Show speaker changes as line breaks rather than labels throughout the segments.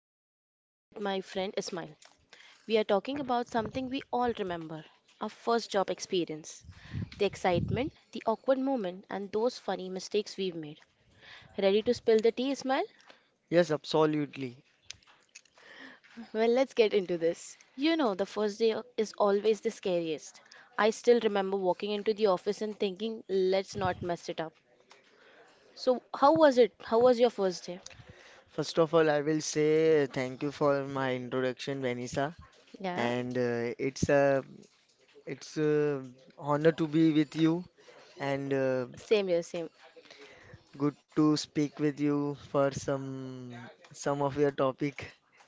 today I'm joined with my friend Ismail. We are talking about something we all remember our first job experience. The excitement, the awkward moment, and those funny mistakes we've made. Ready to spill the tea, Ismail?
Yes, absolutely.
Well, let's get into this. The first day is always the scariest. I still remember walking into the office and thinking, let's not mess it up. So, how was it? How was your first day?
First of all, I will say thank you for my introduction, Vanessa,
Yeah,
and it's a honor to be with you, and
same here, same.
good to speak with you for some of your topic,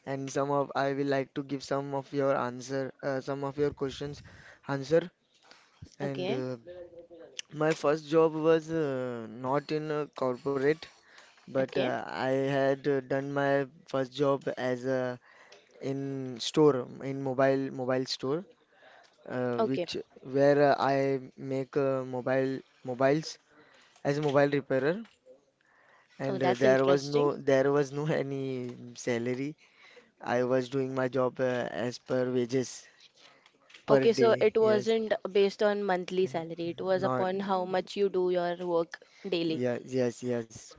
and some of I will like to give some of your answer, some of your questions answer. And
Okay,
My first job was not in a corporate, but
okay.
I had done my first job as a in store, in mobile store,
Okay.
which where I make mobiles as a mobile repairer. And
Oh, that's
there was
interesting.
no there was no any salary. I was doing my job as per wages per
Okay, so
day.
it
Yes,
wasn't based on monthly salary. It was
not.
upon how much you do your work daily.
Yes, yes, yes,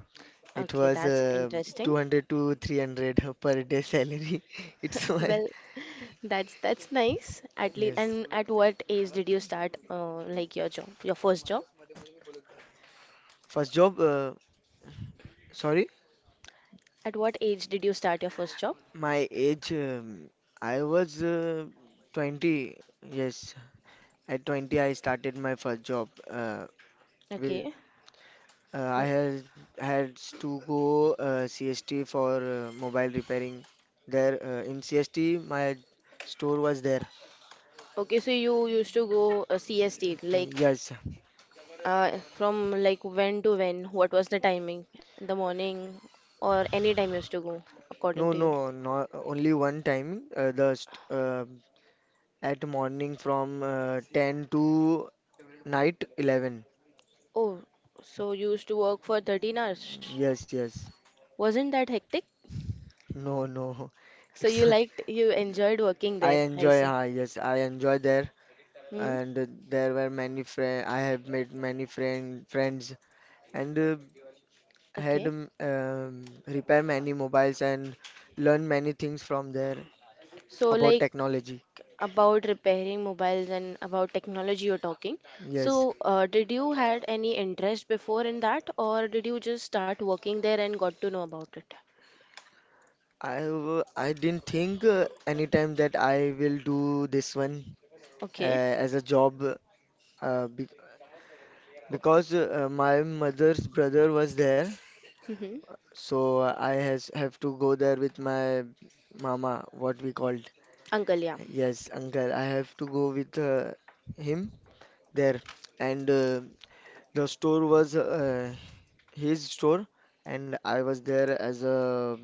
it
Okay,
was
that's interesting.
200 to 300 per day salary. It's my
Well, that's nice. At least,
yes
and at what age did you start like your job, your first job?
first job, sorry.
At what age did you start your first job?
My age, I was 20. Yes, at 20 I started my first job. With
Okay. Uh,
I had to go CST for mobile repairing. There in CST, my store was there.
Okay, so you used to go CST like
Yes.
from like when to when? What was the timing? In the morning or any time you used to go according
No,
to you?
no, not only one time. The st at morning from 10 to night 11.
Oh, so you used to work for 13 hours.
Yes, yes.
Wasn't that hectic?
No, no.
So
It's
you enjoyed working
I
there, I
enjoy,
see.
yes, I enjoy there,
Hmm.
and there were many friend. I have made many friends, and had
Okay.
repair many mobiles and learn many things from there
So
about
like
technology.
about repairing mobiles and about technology you're talking.
Yes,
So did you had any interest before in that, or did you just start working there and got to know about it?
I didn't think anytime that I will do this one uh,
Okay.
as a job, be because my mother's brother was there,
Mm-hmm.
so I has have to go there with my mama, what we called.
Uncle, yeah.
Yes, uncle, I have to go with him there. And the store was his store, and I was there as a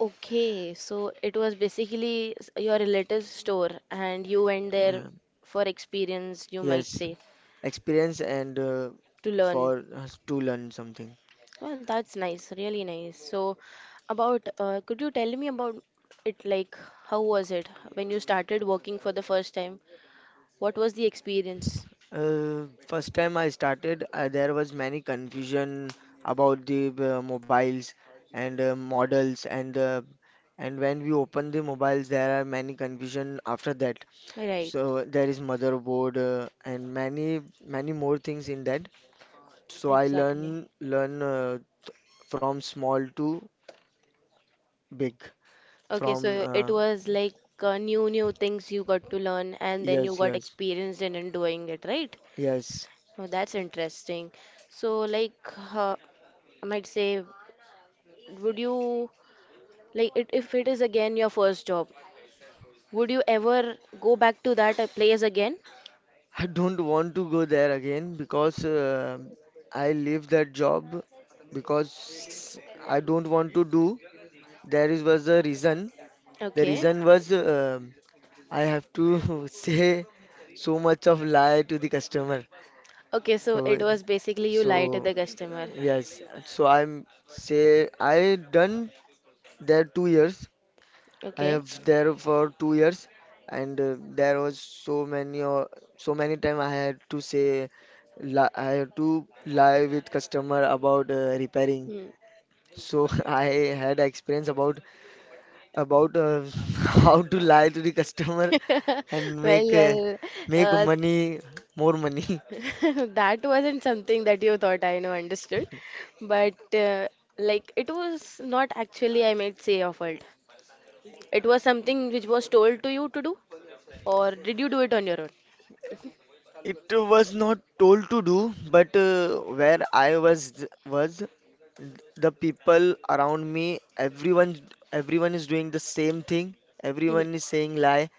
Okay, so it was basically your relative's store, and you went there
mm,
for experience, you
yes
might say.
experience. And
To learn.
for us to learn something.
Well, that's nice, really nice. So, about could you tell me about it? Like, how was it when you started working for the first time? What was the experience?
First time I started, there was many confusion about the mobiles and models, and when we open the mobiles, there are many confusion after that.
Right,
So there is motherboard and many more things in that. So I
exactly.
learn from small to big.
Okay,
From
so it was like new things you got to learn, and then you
yes,
got
yes,
experienced in doing it, right?
yes.
Oh, that's interesting. So, like, uh, I might say, would you like it if it is again your first job? Would you ever go back to that place again?
I don't want to go there again because I leave that job because I don't want to do. There is was a reason. The
Okay.
reason was I have to say so much of lie to the customer.
Okay, so
So
it was basically you
so
lie to the customer.
yes, so I'm say I done there 2 years. I
Okay.
have there for 2 years, and there was so many or so many time I had to say li I had to lie with customer about repairing.
Hmm.
So I had experience about about uh, how to
Uh,
lie to the customer and
Well,
make
well,
make
uh,
money, more money.
that wasn't something that you thought I know understood, but like it was not actually, I might say, your fault. It was something which was told to you to do, or did you do it on your own?
It was not told to do, but where I was the people around me, everyone everyone is doing the same thing,
Mhm.
everyone is saying lie.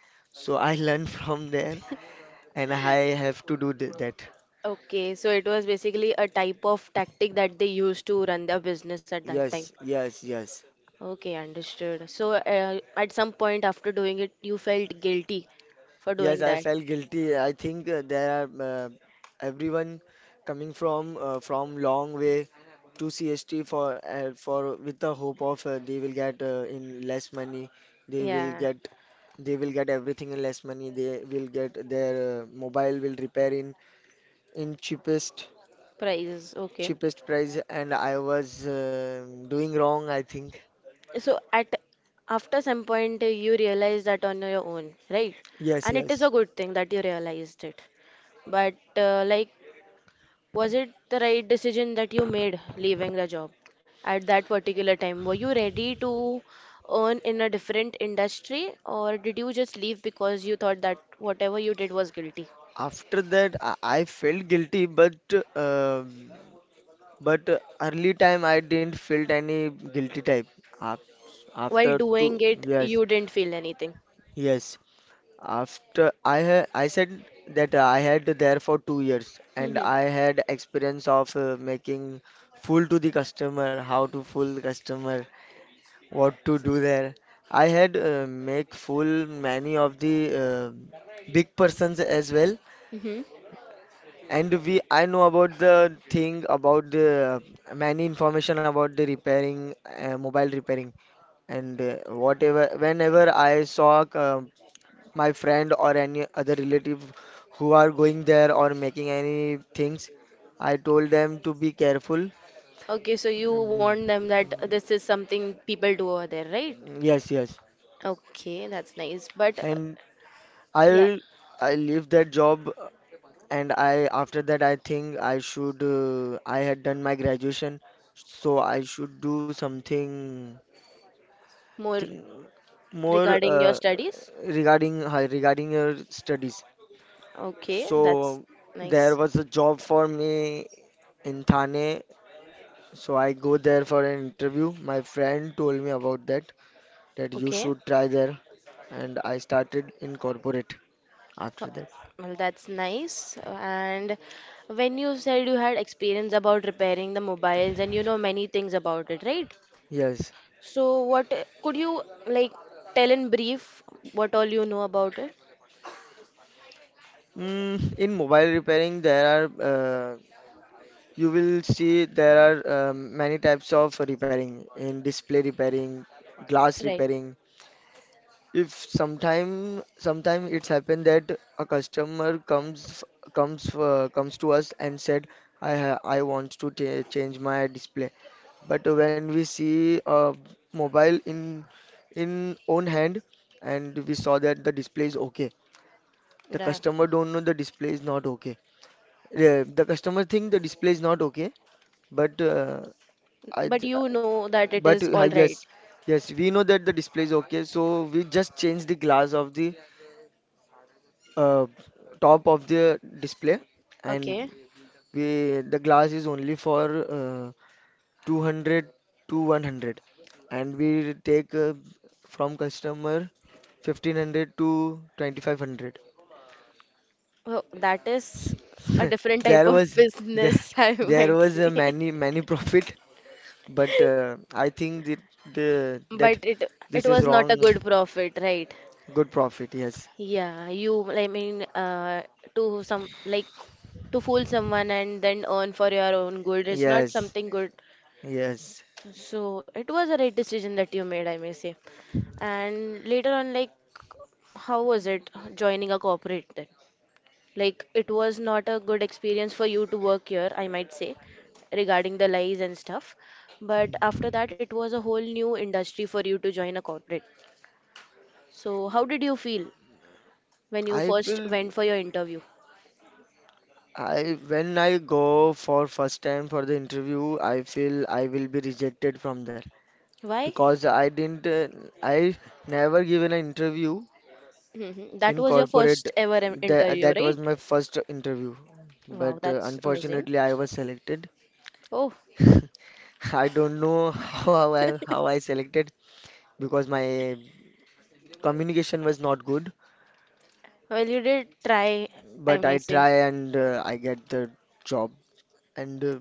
So I learn from there, and I have to that.
Okay, so it was basically a type of tactic that they used to run their business at that
Yes,
time.
yes, yes.
Okay, understood. So, at some point after doing it, you felt guilty for
Yes,
doing
I
that.
felt guilty. I think there are everyone coming from long way to CST for with the hope of they will get in less money. they will
Yeah,
get they will get everything in less money. They will get their mobile will repair in cheapest
prizes. Okay.
cheapest price, and I was doing wrong, I think.
So, at after some point, you realized that on your own, right?
Yes,
And it is a
yes.
good thing that you realized it. But, like, was it the right decision that you made leaving the job at that particular time? Were you ready to earn in a different industry, or did you just leave because you thought that whatever you did was guilty?
After that, I felt guilty, but uh, but early time I didn't felt any guilty type. Af-
While
After
doing
two,
it,
yes,
you didn't feel anything.
yes. After I said that I had there for 2 years, and
Hmm.
I had experience of making fool to the customer, how to fool the customer, what to do there. I had make full many of the big persons as well,
Hmm.
and we I know about the thing about the many information about the repairing mobile repairing. And whatever whenever I saw my friend or any other relative who are going there or making any things, I told them to be careful.
Okay, so you warned
Mm,
them that this is something people do over there, right?
yes, yes,
Okay, that's nice. But
and
yeah,
I'll I leave that job, and I after that I think I should I had done my graduation, so I should do something
more
thing more,
regarding your studies.
regarding your studies.
Okay, that's
So there
nice.
was a job for me in Thane, so I go there for an interview. My friend told me about that, that you
Okay,
should try there, and I started in corporate
uh,
after that.
well, that's nice. And when you said you had experience about repairing the mobiles and you know many things about it, right?
Yes.
So, what could you like tell in brief what all you know about it?
Mm, in mobile repairing, there are you will see there are many types of repairing: in display repairing, glass
Right.
repairing. If sometime it's happened that a customer comes to us and said, I ha I want to change my display. But when we see a mobile in own hand, and we saw that the display is okay, the
Right.
customer don't know the display is not okay. The customer think the display is not okay, but I,
But
th-
you
I-
know that it
but
is all right.
yes, we know that the display is okay, so we just change the glass of the uh, top of the display, and
Okay.
we the glass is only for 200 to 100, and we take from customer 1500 to 2500.
Well, that is a different type
There
of
was there,
business, I
there
might
was a
say.
many profit. But I think that the that
But it
this
it
is
was not
wrong.
a good profit, right?
Good profit. Yes.
Yeah, you I mean to some like to fool someone and then earn for your own good is not
Yes.
something good.
Yes.
So it was a right decision that you made, I may say. And later on, like how was it joining a corporate then? Like, it was not a good experience for you to work here, I might say, regarding the lies and stuff. But after that, it was a whole new industry for you to join a corporate. So, how did you feel when you
I
first
feel
went for your interview?
I when I go for first time for the interview, I feel I will be rejected from there
Why?
because I didn't I never given an interview
Mhm. That
in
was your
corporate.
first ever interview,
That was
right?
my first interview. But
Wow, that's amazing.
unfortunately, I was selected.
Oh,
I don't know how I selected, because my communication was not good,
well, you did try, I
but
may
I
say.
try, and I get the job. And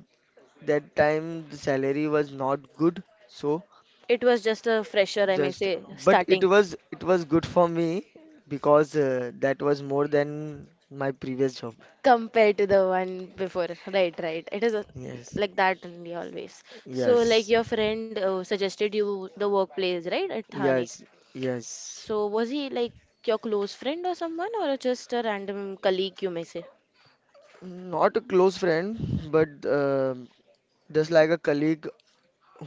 that time the salary was not good, so
It was just a fresher, I may
just
say,
but it
starting.
was it was good for me because that was more than my previous job.
Compared to the one before, right, right, it is a,
Yes,
like that only always. So like
yes,
your friend suggested you the workplace right at Thane.
yes, yes.
So was he like your close friend or someone or just a random colleague you may say.
Not a close friend, but just like a colleague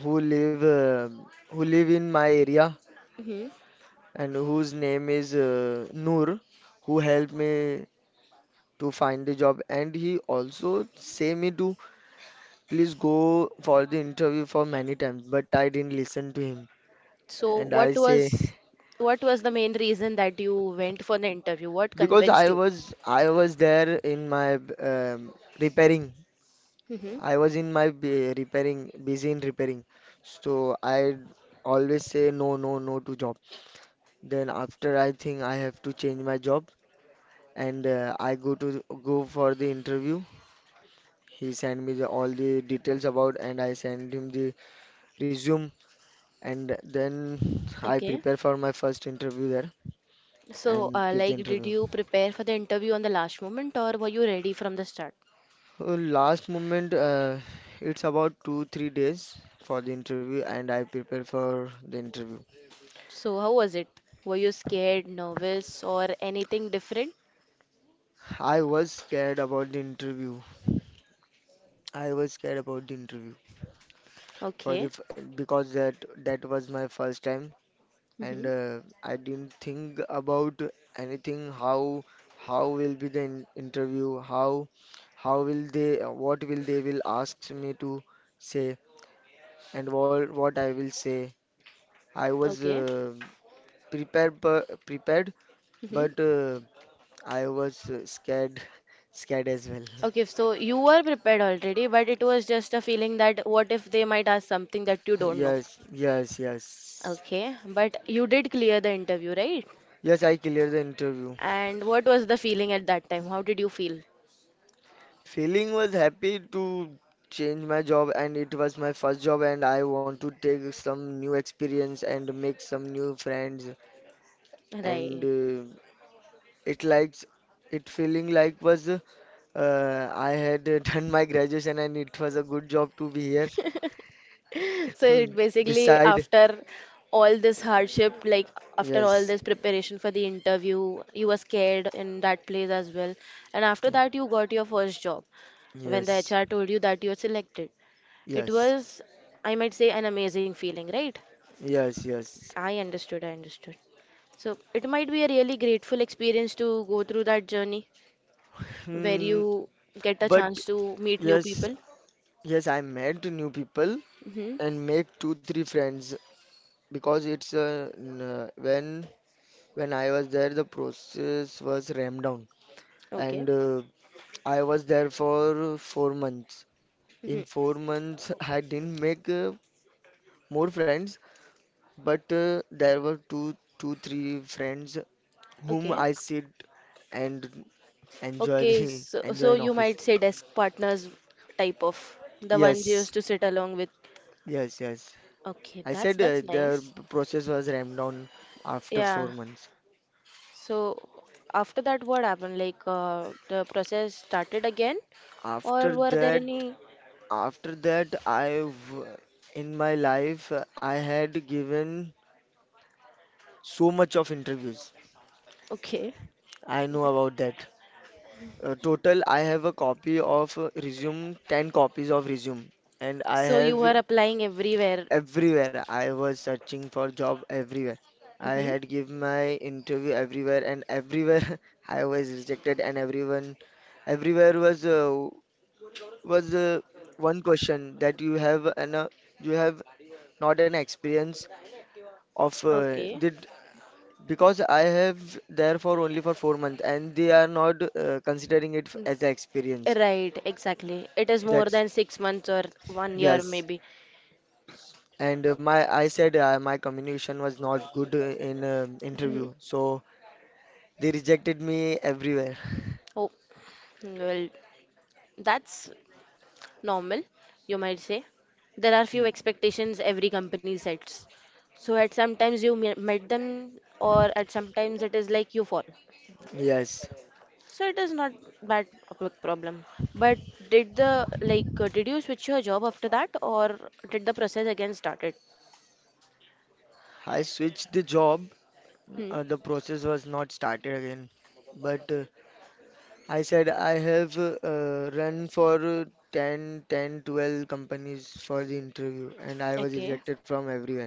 who live uh, who live in my area,
Hmm.
and whose name is Noor, who helped me to find the job. And he also say me to please go for the interview for many times, but I didn't listen to him.
So
And
what
I say
was what was the main reason that you went for the interview? What
because
convinced you?
I was there in my repairing.
Hmm.
I was in my b repairing, busy in repairing. So I always say no, no, no to job. Then after I think I have to change my job, and I go to go for the interview. He sent me the all the details about, and I sent him the resume, and then I
Okay,
prepare for my first interview there
so
and give the
like did
interview.
you prepare for the interview on the last moment or were you ready from the start?
Last moment, it's about two, 3 days for the interview, and I prepare for the interview.
So, how was it? Were you scared, nervous, or anything different?
I was scared about the interview. I was scared about the interview for the
Okay.
f- because that was my first time, and
Mm-hmm.
I didn't think about anything, how will be the in interview how will they what will they will ask me to say, and what I will say. I was
Okay.
prepared,
Mm-hmm.
but I was scared, scared as well.
Okay, so you were prepared already, but it was just a feeling that what if they might ask something that you don't know?
Yes, yes, yes,
Okay, but you did clear the interview, right?
yes, I cleared the interview.
And what was the feeling at that time? How did you feel?
Feeling was happy to change my job, and it was my first job, and I want to take some new experience and make some new friends. And
Right.
it likes it feeling like was I had done my graduation, and it was a good job to be here.
So it basically
Beside,
after all this hardship, like after all
yes,
this preparation for the interview, you were scared in that place as well. And after that, you got your first job when the
yes,
HR told you that you are selected. It
yes,
was, I might say, an amazing feeling, right?
yes, yes.
I understood, I understood. So it might be a really grateful experience to go through that journey where
Hmm,
you get a
but
chance to meet new
yes,
people.
yes, I met new people
Hmm.
and make two-three friends, because it's n- when I was there, the process was ramped down,
Okay.
and I was there for 4 months. In
Hmm.
4 months, I didn't make more friends, but there were two, three friends whom
Okay.
I sit and enjoy
Okay,
the
so,
enjoy
so
in
you
office.
might say desk partners type of the ones you
Yes,
used to sit along with.
yes, yes.
Okay,
I
that's
said
that's
the
nice.
process was ramped down after four
Yeah.
months.
So after that, what happened? Like the process started again, or
After
were there
that,
any?
After that, I've in my life I had given so much of interviews.
Okay.
I know about that. Total, I have a copy of resume, 10 copies of resume, and I
So you were
have
applying everywhere.
everywhere. I was searching for job everywhere. I
Mm-hmm.
had give my interview everywhere, and everywhere I was rejected, and everyone, everywhere was one question: that you have an you have not an experience of
Okay.
did because I have there for only for 4 months, and they are not considering it
Mm.
as an experience.
Right, exactly. It is more
That's
than 6 months or one year
yes.
maybe.
And my I said my communication was not good in
Hmm.
interview, so they rejected me everywhere.
Oh, well, that's normal, you might say. There are few
Mm,
expectations every company sets. So at sometimes you met them, or at sometimes it is like you fall.
Yes,
So it is not that a big problem. But did the like did you switch your job after that, or did the process again started?
I switched the job.
Hmm.
The process was not started again. But I said I have run for 10, ten, 12 companies for the interview, and I was
Okay.
rejected from everywhere.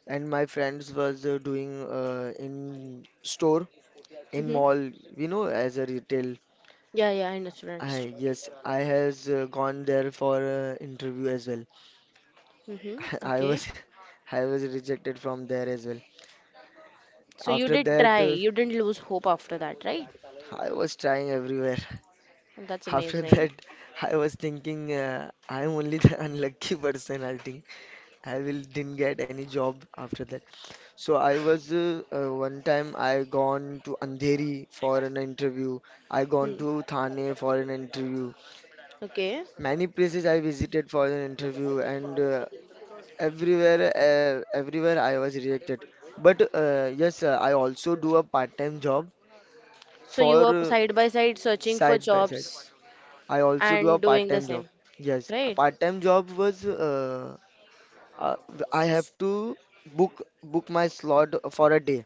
And my friends was doing in store, in
Mm-hmm.
mall, you know, as a retail.
Yeah, yeah, I understood.
I yes I has gone there for interview as well.
Mm-hmm.
I
Okay.
was I was rejected from there as well.
So you
after
did
that
try.
uh,
You didn't lose hope after that, right?
I was trying everywhere.
That's
After
amazing.
that, I was thinking I'm only the unlucky person, I think. I will didn't get any job after that. So I was one time I gone to Andheri for an interview. I gone
Hmm.
to Thane for an interview.
Okay.
Many places I visited for an interview, and everywhere I was rejected. But yes, I also do a part-time job
So you
for
were side by side searching for
side by side.
jobs
I also do a
and doing the
part-time job.
same,
Yes, a
right?
part-time job was uh, I have to book my slot for a day.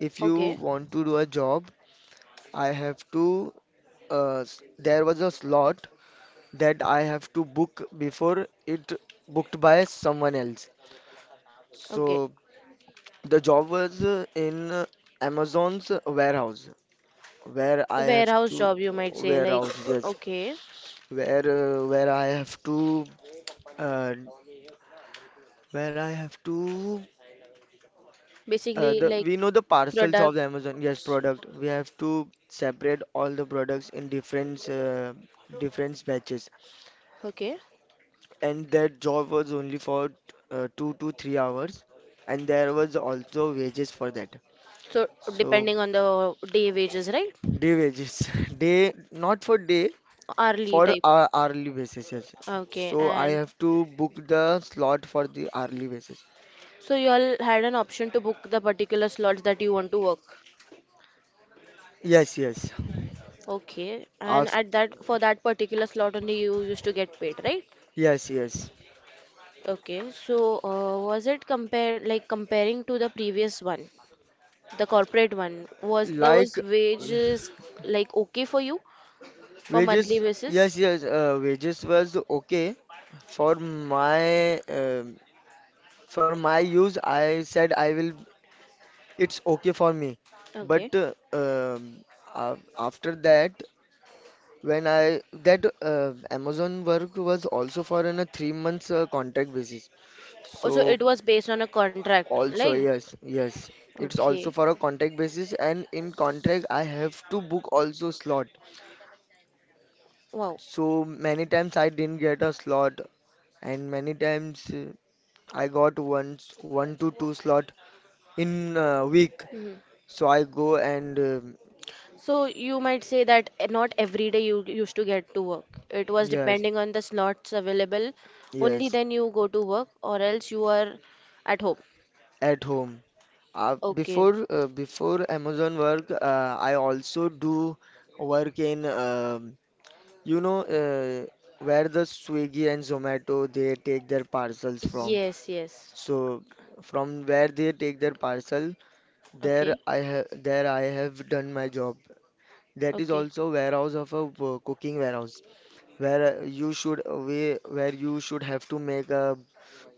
If you
Okay,
want to do a job, I have to, there was a slot that I have to book before it booked by someone else.
okay.
So the job was in Amazon's warehouse, where
A
I have
warehouse
to—
job, you might say, like,
warehouse, yes,
okay.
where I have to uh, where I have to
Basically,
the
like
we know the parcels of the Amazon, yes,
products,
product. We have to separate all the products in different different batches.
okay.
And that job was only for 2 to 3 hours, and there was also wages for that.
So
So
depending on the day wages, right?
day wages, day, not for day,
Hourly
for
type.
our hourly basis. Yes.
Okay,
So I
and
have to book the slot for the hourly basis.
so you all had an option to book the particular slots that you want to work.
Yes, yes.
Okay, and
Af
at that for that particular slot only you used to get paid, right?
yes, yes.
Okay, so was it compared like comparing to the previous one, the corporate one, was
Like
those wages like okay for you for monthly
wages, yes,
basis?
yes. Wages was okay for my um for my use. I said I will— it's okay for me, but
Okay.
after that, when I that Amazon work was also for on a 3 months contract basis.
Also,
So
it was based on a contract,
also
like
yes, yes, it's also
okay,
for a contract basis, and in contract I have to book also slot.
wow.
So many times I didn't get a slot, and many times I got once one to two slot in a week.
Hmm.
So I go and
So you might say that not every day you used to get to work. It was
yes,
depending on the slots available. Only
yes,
then you go to work, or else you are at home.
at home. Uh,
Okay.
before uh, before Amazon work, I also do work in you know where the Swiggy and Zomato they take their parcels from.
Yes, yes.
So from where they take their parcel,
Okay.
there I have done my job. That is
Okay.
also warehouse of a cooking warehouse where where you should have to make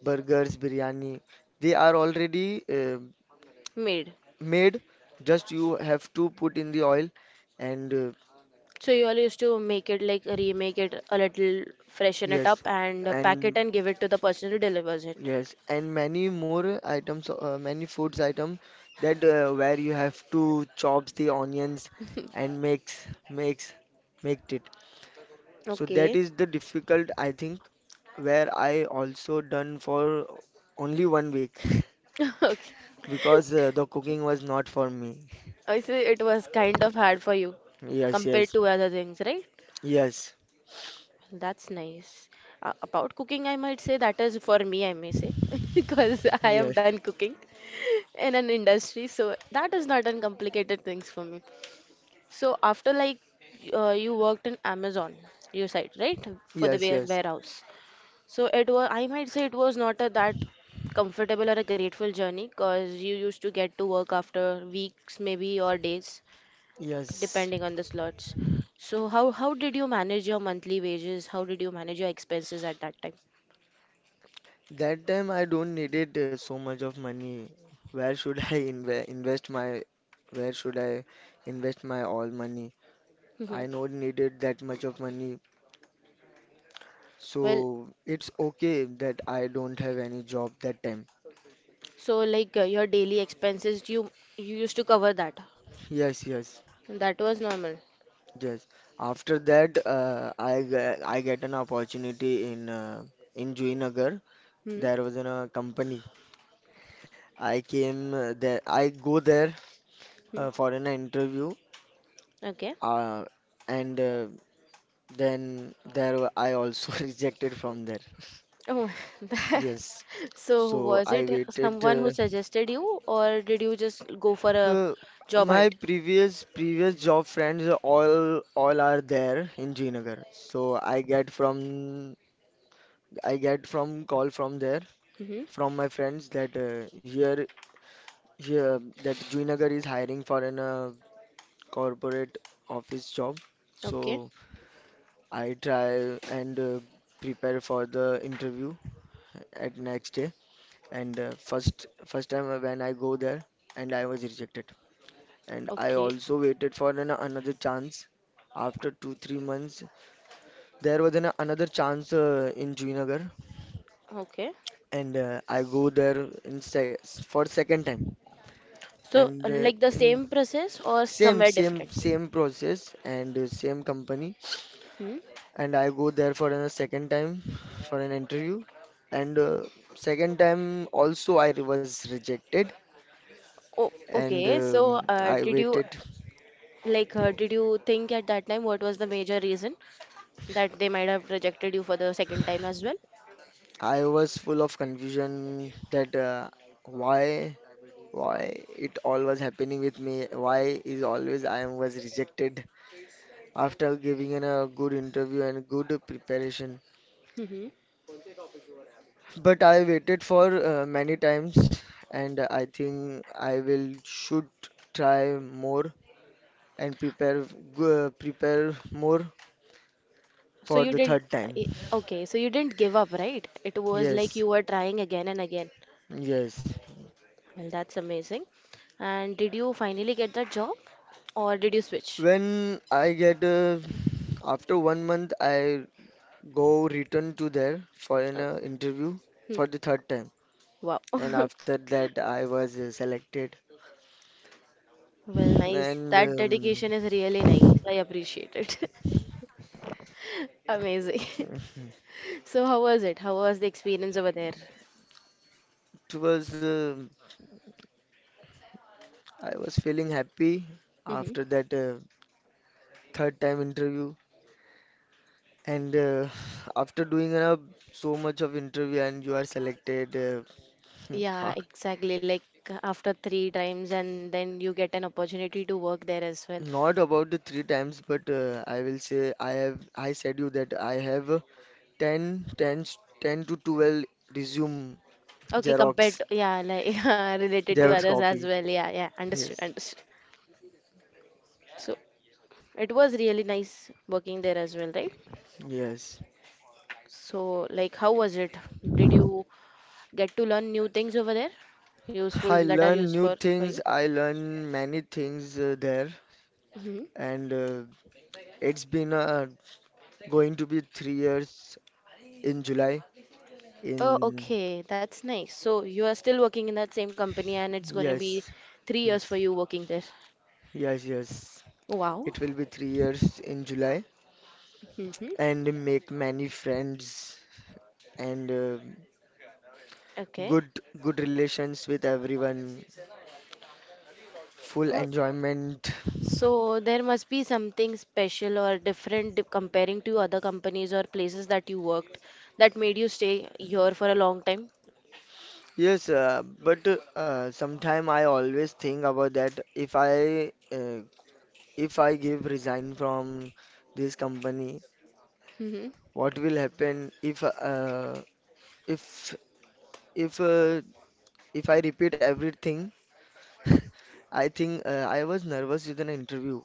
burgers, biryani. They are already
Made.
made, just you have to put in the oil and
So you all used to make it like remake it a little, freshen it up,
yes,
and pack it
and
and give it to the person who delivers it.
yes, and many more items, many foods item that where you have to chops the onions and make it. So that
Okay.
is the difficult, I think, where I also done for only one week.
Okay.
Because the cooking was not for me.
I see it was kind of hard for you
Yes,
compared
yes,
to other things, right?
yes,
Well, that's nice. About cooking, I might say that is for me, I may say, because I
yes,
have done cooking in an industry, so that is not uncomplicated things for me. So after like you worked in Amazon, you said, right? For the
yes, yes,
warehouse. So it was, I might say it was not a that comfortable or a grateful journey because you used to get to work after weeks, maybe or days,
yes.
depending on the slots. So how did you manage your monthly wages? How did you manage your expenses at that time?
That time I don't needed so much of money. Where should I invest my— where should I invest my all money?
Mhm.
I not needed that much of money.
Well,
So it's okay that I don't have any job that time.
so like your daily expenses, you used to cover that.
Yes, yes,
That was normal.
yes. After that, I get an opportunity in Juinagar.
Hmm.
There was a company. I came there. I go there
Hmm.
for an interview.
Okay.
Uh, and Then there were— I also rejected from there.
Oh,
Yes.
so
So
was
I
it
waited.
someone who suggested you, or did you just go for a
Uh,
job
my
hunt?
previous job friends, all are there in Jinagar. So I get from— I get from call from there
Mm-hmm.
from my friends that here that Jinagar is hiring for an corporate office job.
Okay.
So I try and prepare for the interview at next day. And first time when I go there and I was rejected, and I
Okay.
also waited for another chance. After 2 3 months there was another chance in Junagar,
Okay.
and I go there in se for second time.
So,
And uh,
like the
in
same process or
same
somewhere
same
different?
same process and same company,
Hmm.
and I go there for a second time for an interview, and second time also I was rejected,
Oh,
and
okay. So,
um, I
did you
waited.
did you think at that time what was the major reason that they might have rejected you for the second time as well?
I was full of confusion that why why it all was happening with me. Why is always I am was rejected after giving in a good interview and good preparation.
Mm-hmm.
But I waited for many times, and I think I will should try more and prepare more
So
for
you
the
didn't.
third time.
i- Okay. So you didn't give up, right? It was like
Yes,
you were trying again and again.
yes.
Well, that's amazing. And did you finally get that job, or did you switch?
When I get after one month, I— go return to there for an
Oh,
interview
hmm.
for the third time,
Wow.
and after that I was selected,
Well, nice.
and
That
um,
dedication is really nice. I appreciate it. Amazing.
it
So, how was it? How was the experience over there?
was I was feeling happy
Hmm.
after that third time interview, and after doing so much of interview and you are selected.
Yeah,
Ha-
exactly. Like after three times, and then you get an opportunity to work there as well.
Not about the three times, but I will say I have— I said you that I have 10, ten, ten to 12 resume
Okay, compared
Xerox
to, yeah, like yeah, related to
Xerox
others as
copy.
well. Yeah, yeah, understood,
Yes.
understood. So, it was really nice working there as well, right?
Yes.
So, like, how was it? Did you get to learn new things over there?
I
Useful that are
learn new
useful for
things.
you?
I learn many things there.
Mm-hmm.
And it's been going to be 3 years in July.
Oh,
In
okay. That's nice. So you are still working in that same company and it's going to be
yes,
3 years for
yes,
you working there.
yes, yes.
Wow.
It will be 3 years in July,
Mm-hmm.
and make many friends and
Okay.
good good relations with everyone. Full
Well,
enjoyment.
so there must be something special or different comparing to other companies or places that you worked that made you stay here for a long time.
Yes, but sometime I always think about that if I give resign from this company,
Mm-hmm.
what will happen if if if uh, if I repeat everything? I think I was nervous with an interview.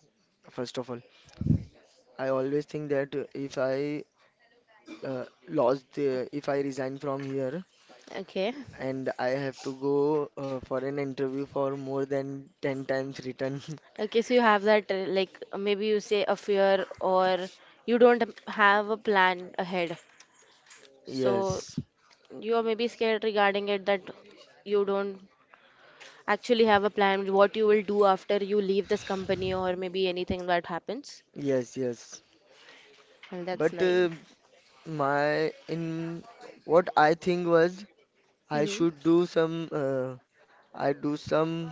First of all, I always think that if I lost the— if I resign from here
Okay.
and I have to go for an interview for more than 10 times return.
Okay, so you have that, like maybe you say a fear or you don't have a plan ahead. So
Yes.
you may be scared regarding it that you don't actually have a plan what you will do after you leave this company or maybe anything that happens.
Yes, yes.
Well, that's
But
nice.
my in what I think was I should
Hmm.
do some I do some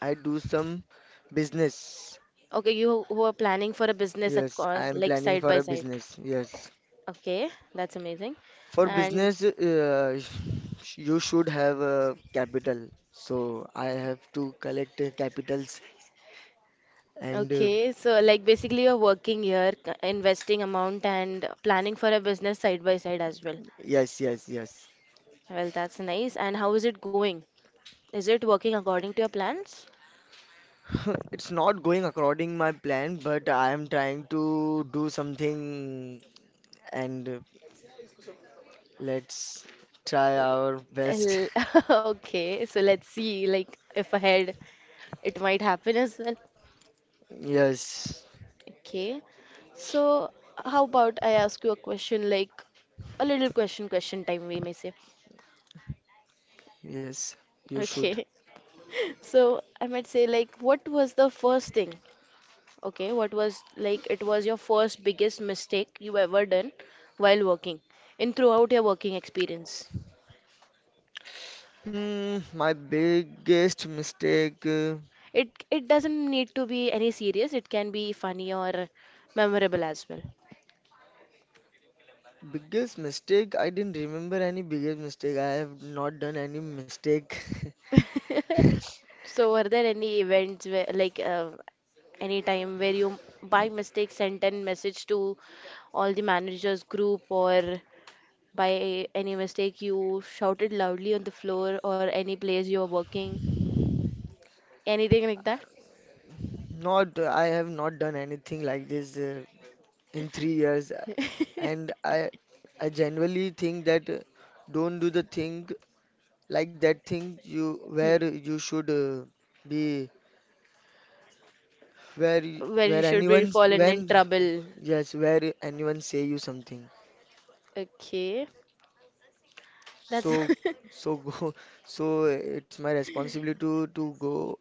I do some business.
Okay, you who are planning for a business,
Yes, I
of
am
like
planning
side
for
by
a
side.
business. Yes.
Okay, that's amazing.
For
And
business, you should have a capital. So I have to collect capitals and
okay, so like basically you're working here, investing amount and planning for a business side by side as well.
yes, yes, yes.
Well, that's nice. And how is it going? Is it working according to your plans?
It's not going according my plan, but I am trying to do something and let's try our best.
L- Okay, so let's see, like if ahead it might happen as well.
Yes,
Okay, so how about I ask you a question, like a little question time, we may say.
yes, you should.
Okay, so I might say, like, what was the first thing? Okay, what was like it was your first biggest mistake you ever done while working in throughout your working experience?
Hmm, my biggest mistake.
It doesn't need to be any serious, it can be funny or memorable as well.
Biggest mistake? I didn't remember any biggest mistake. I have not done any mistake.
So, are there any events where, like, any time where you by mistake sent an message to all the managers group, or by any mistake you shouted loudly on the floor, or any place you are working, anything like that?
Not, I have not done anything like this in 3 years. And I, I genuinely think that don't do the thing, like that thing you
Hmm.
where you should be— where
Where you
where
should be
anyone
fallen in
when—
trouble.
yes, where anyone say you something.
Okay, that's.
So so go so it's my responsibility to go—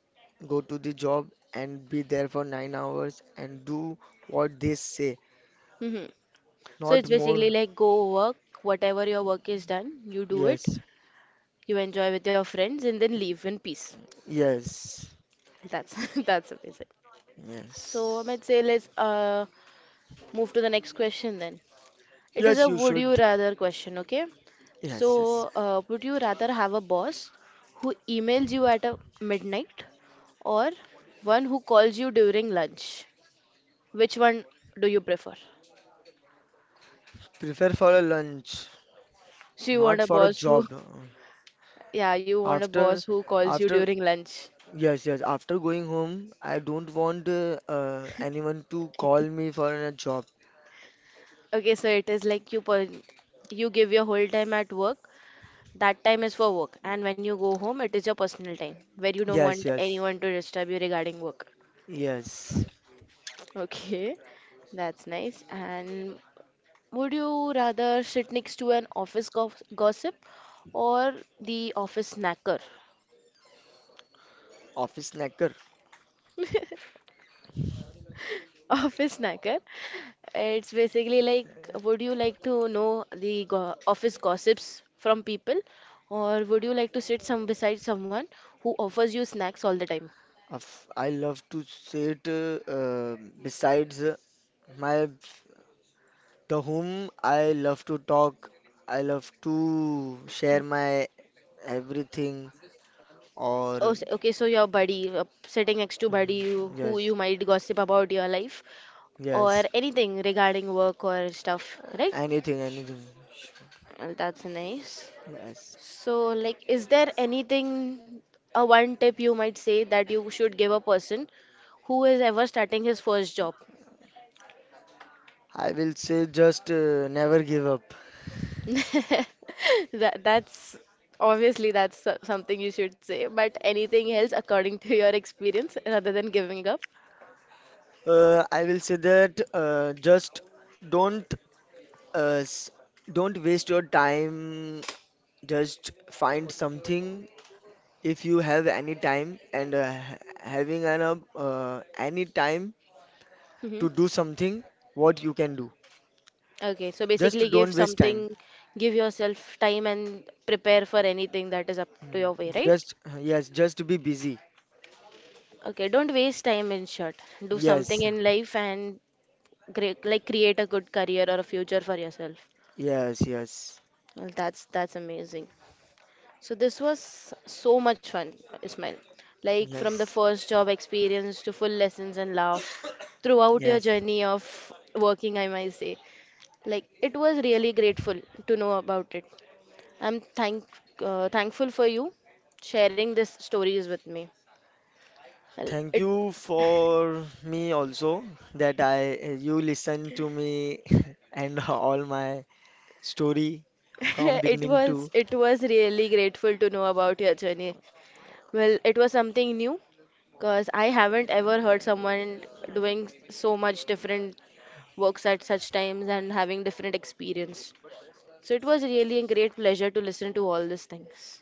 go to the job and be there for 9 hours and do what they say.
Mhm. So
Not
it's
more.
basically like go work, whatever your work is done, you do it,
Yes.
you enjoy with your friends, and then leave in peace.
Yes.
That's that's amazing. So
Yes.
Amit, say let's move to the next question then. It is
Yes,
a
you
would you
should.
rather question, okay? So
Yes, yes.
would you rather have a boss who emails you at a midnight or one who calls you during lunch? Which one do you prefer?
Prefer for a lunch,
So you want
not
a
for a
boss who,
job.
yeah, you want a
After
boss who calls you
after
during lunch.
yes, yes. After going home, I don't want anyone to call me for a job.
Okay, so it is like you give your whole time at work. That time is for work, and when you go home, it is your personal time where you don't
Yes,
want
yes,
anyone to disturb you regarding work.
yes.
Okay, that's nice. And would you rather sit next to an office gossip or the office snacker?
Office snacker.
Office snacker. It's basically like, would you like to know the go office gossips from people, or would you like to sit some beside someone who offers you snacks all the time?
I love to sit besides my— the whom I love to talk. I love to share my everything or—
Oh, okay, so your buddy, sitting next to buddy
Mhm.
you- who you
Yes,
might gossip about your life or
yes.
anything regarding work or stuff, right?
Anything, anything.
Well, that's nice.
Yes,
So, like, is there anything, a one tip you might say that you should give a person who is ever starting his first job?
I will say just never give up.
That's obviously something you should say, but anything else according to your experience rather than giving up?
I will say that just don't uh, s- don't waste your time. Just find something if you have any time and having an any time
Mm-hmm.
to do something, what you can do.
Okay, so
Just
basically give
don't waste time.
something, give yourself time and prepare for anything that is up to your
Mm,
way, right?
just yes, just be busy.
Okay, don't waste time in short. Do something
Yes,
in life and cre like create a good career or a future for yourself.
yes, yes,
Well, that's amazing. So this was so much fun, Ismail. Like from the
yes,
first job experience to full lessons and laugh throughout your
yes.
journey of working, I might say. Like it was really grateful to know about it. I'm thank thankful for you sharing this stories with me. Well,
Thank
it
you for me also that I you listen to me and all my story from
it
beginning
was
to.
it was really grateful to know about your journey. Well, it was something new because I haven't ever heard someone doing so much different works at such times and having different experience. So it was really a great pleasure to listen to all these things.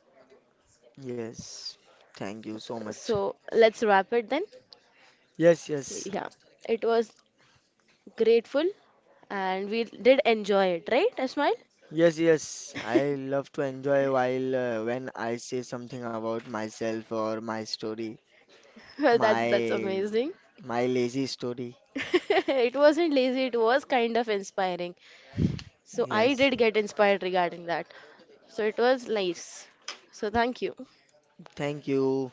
Yes, thank you so much.
So let's wrap it then.
Yes, yes,
Yeah, it was grateful and we did enjoy it, right, Ismail?
yes, yes. I love to enjoy while when I say something about myself or my story,
Well, that's
my
amazing.
my lazy story.
It wasn't lazy, it was kind of inspiring. So I
Yes,
did get inspired regarding that. So it was nice. So thank you.
thank you.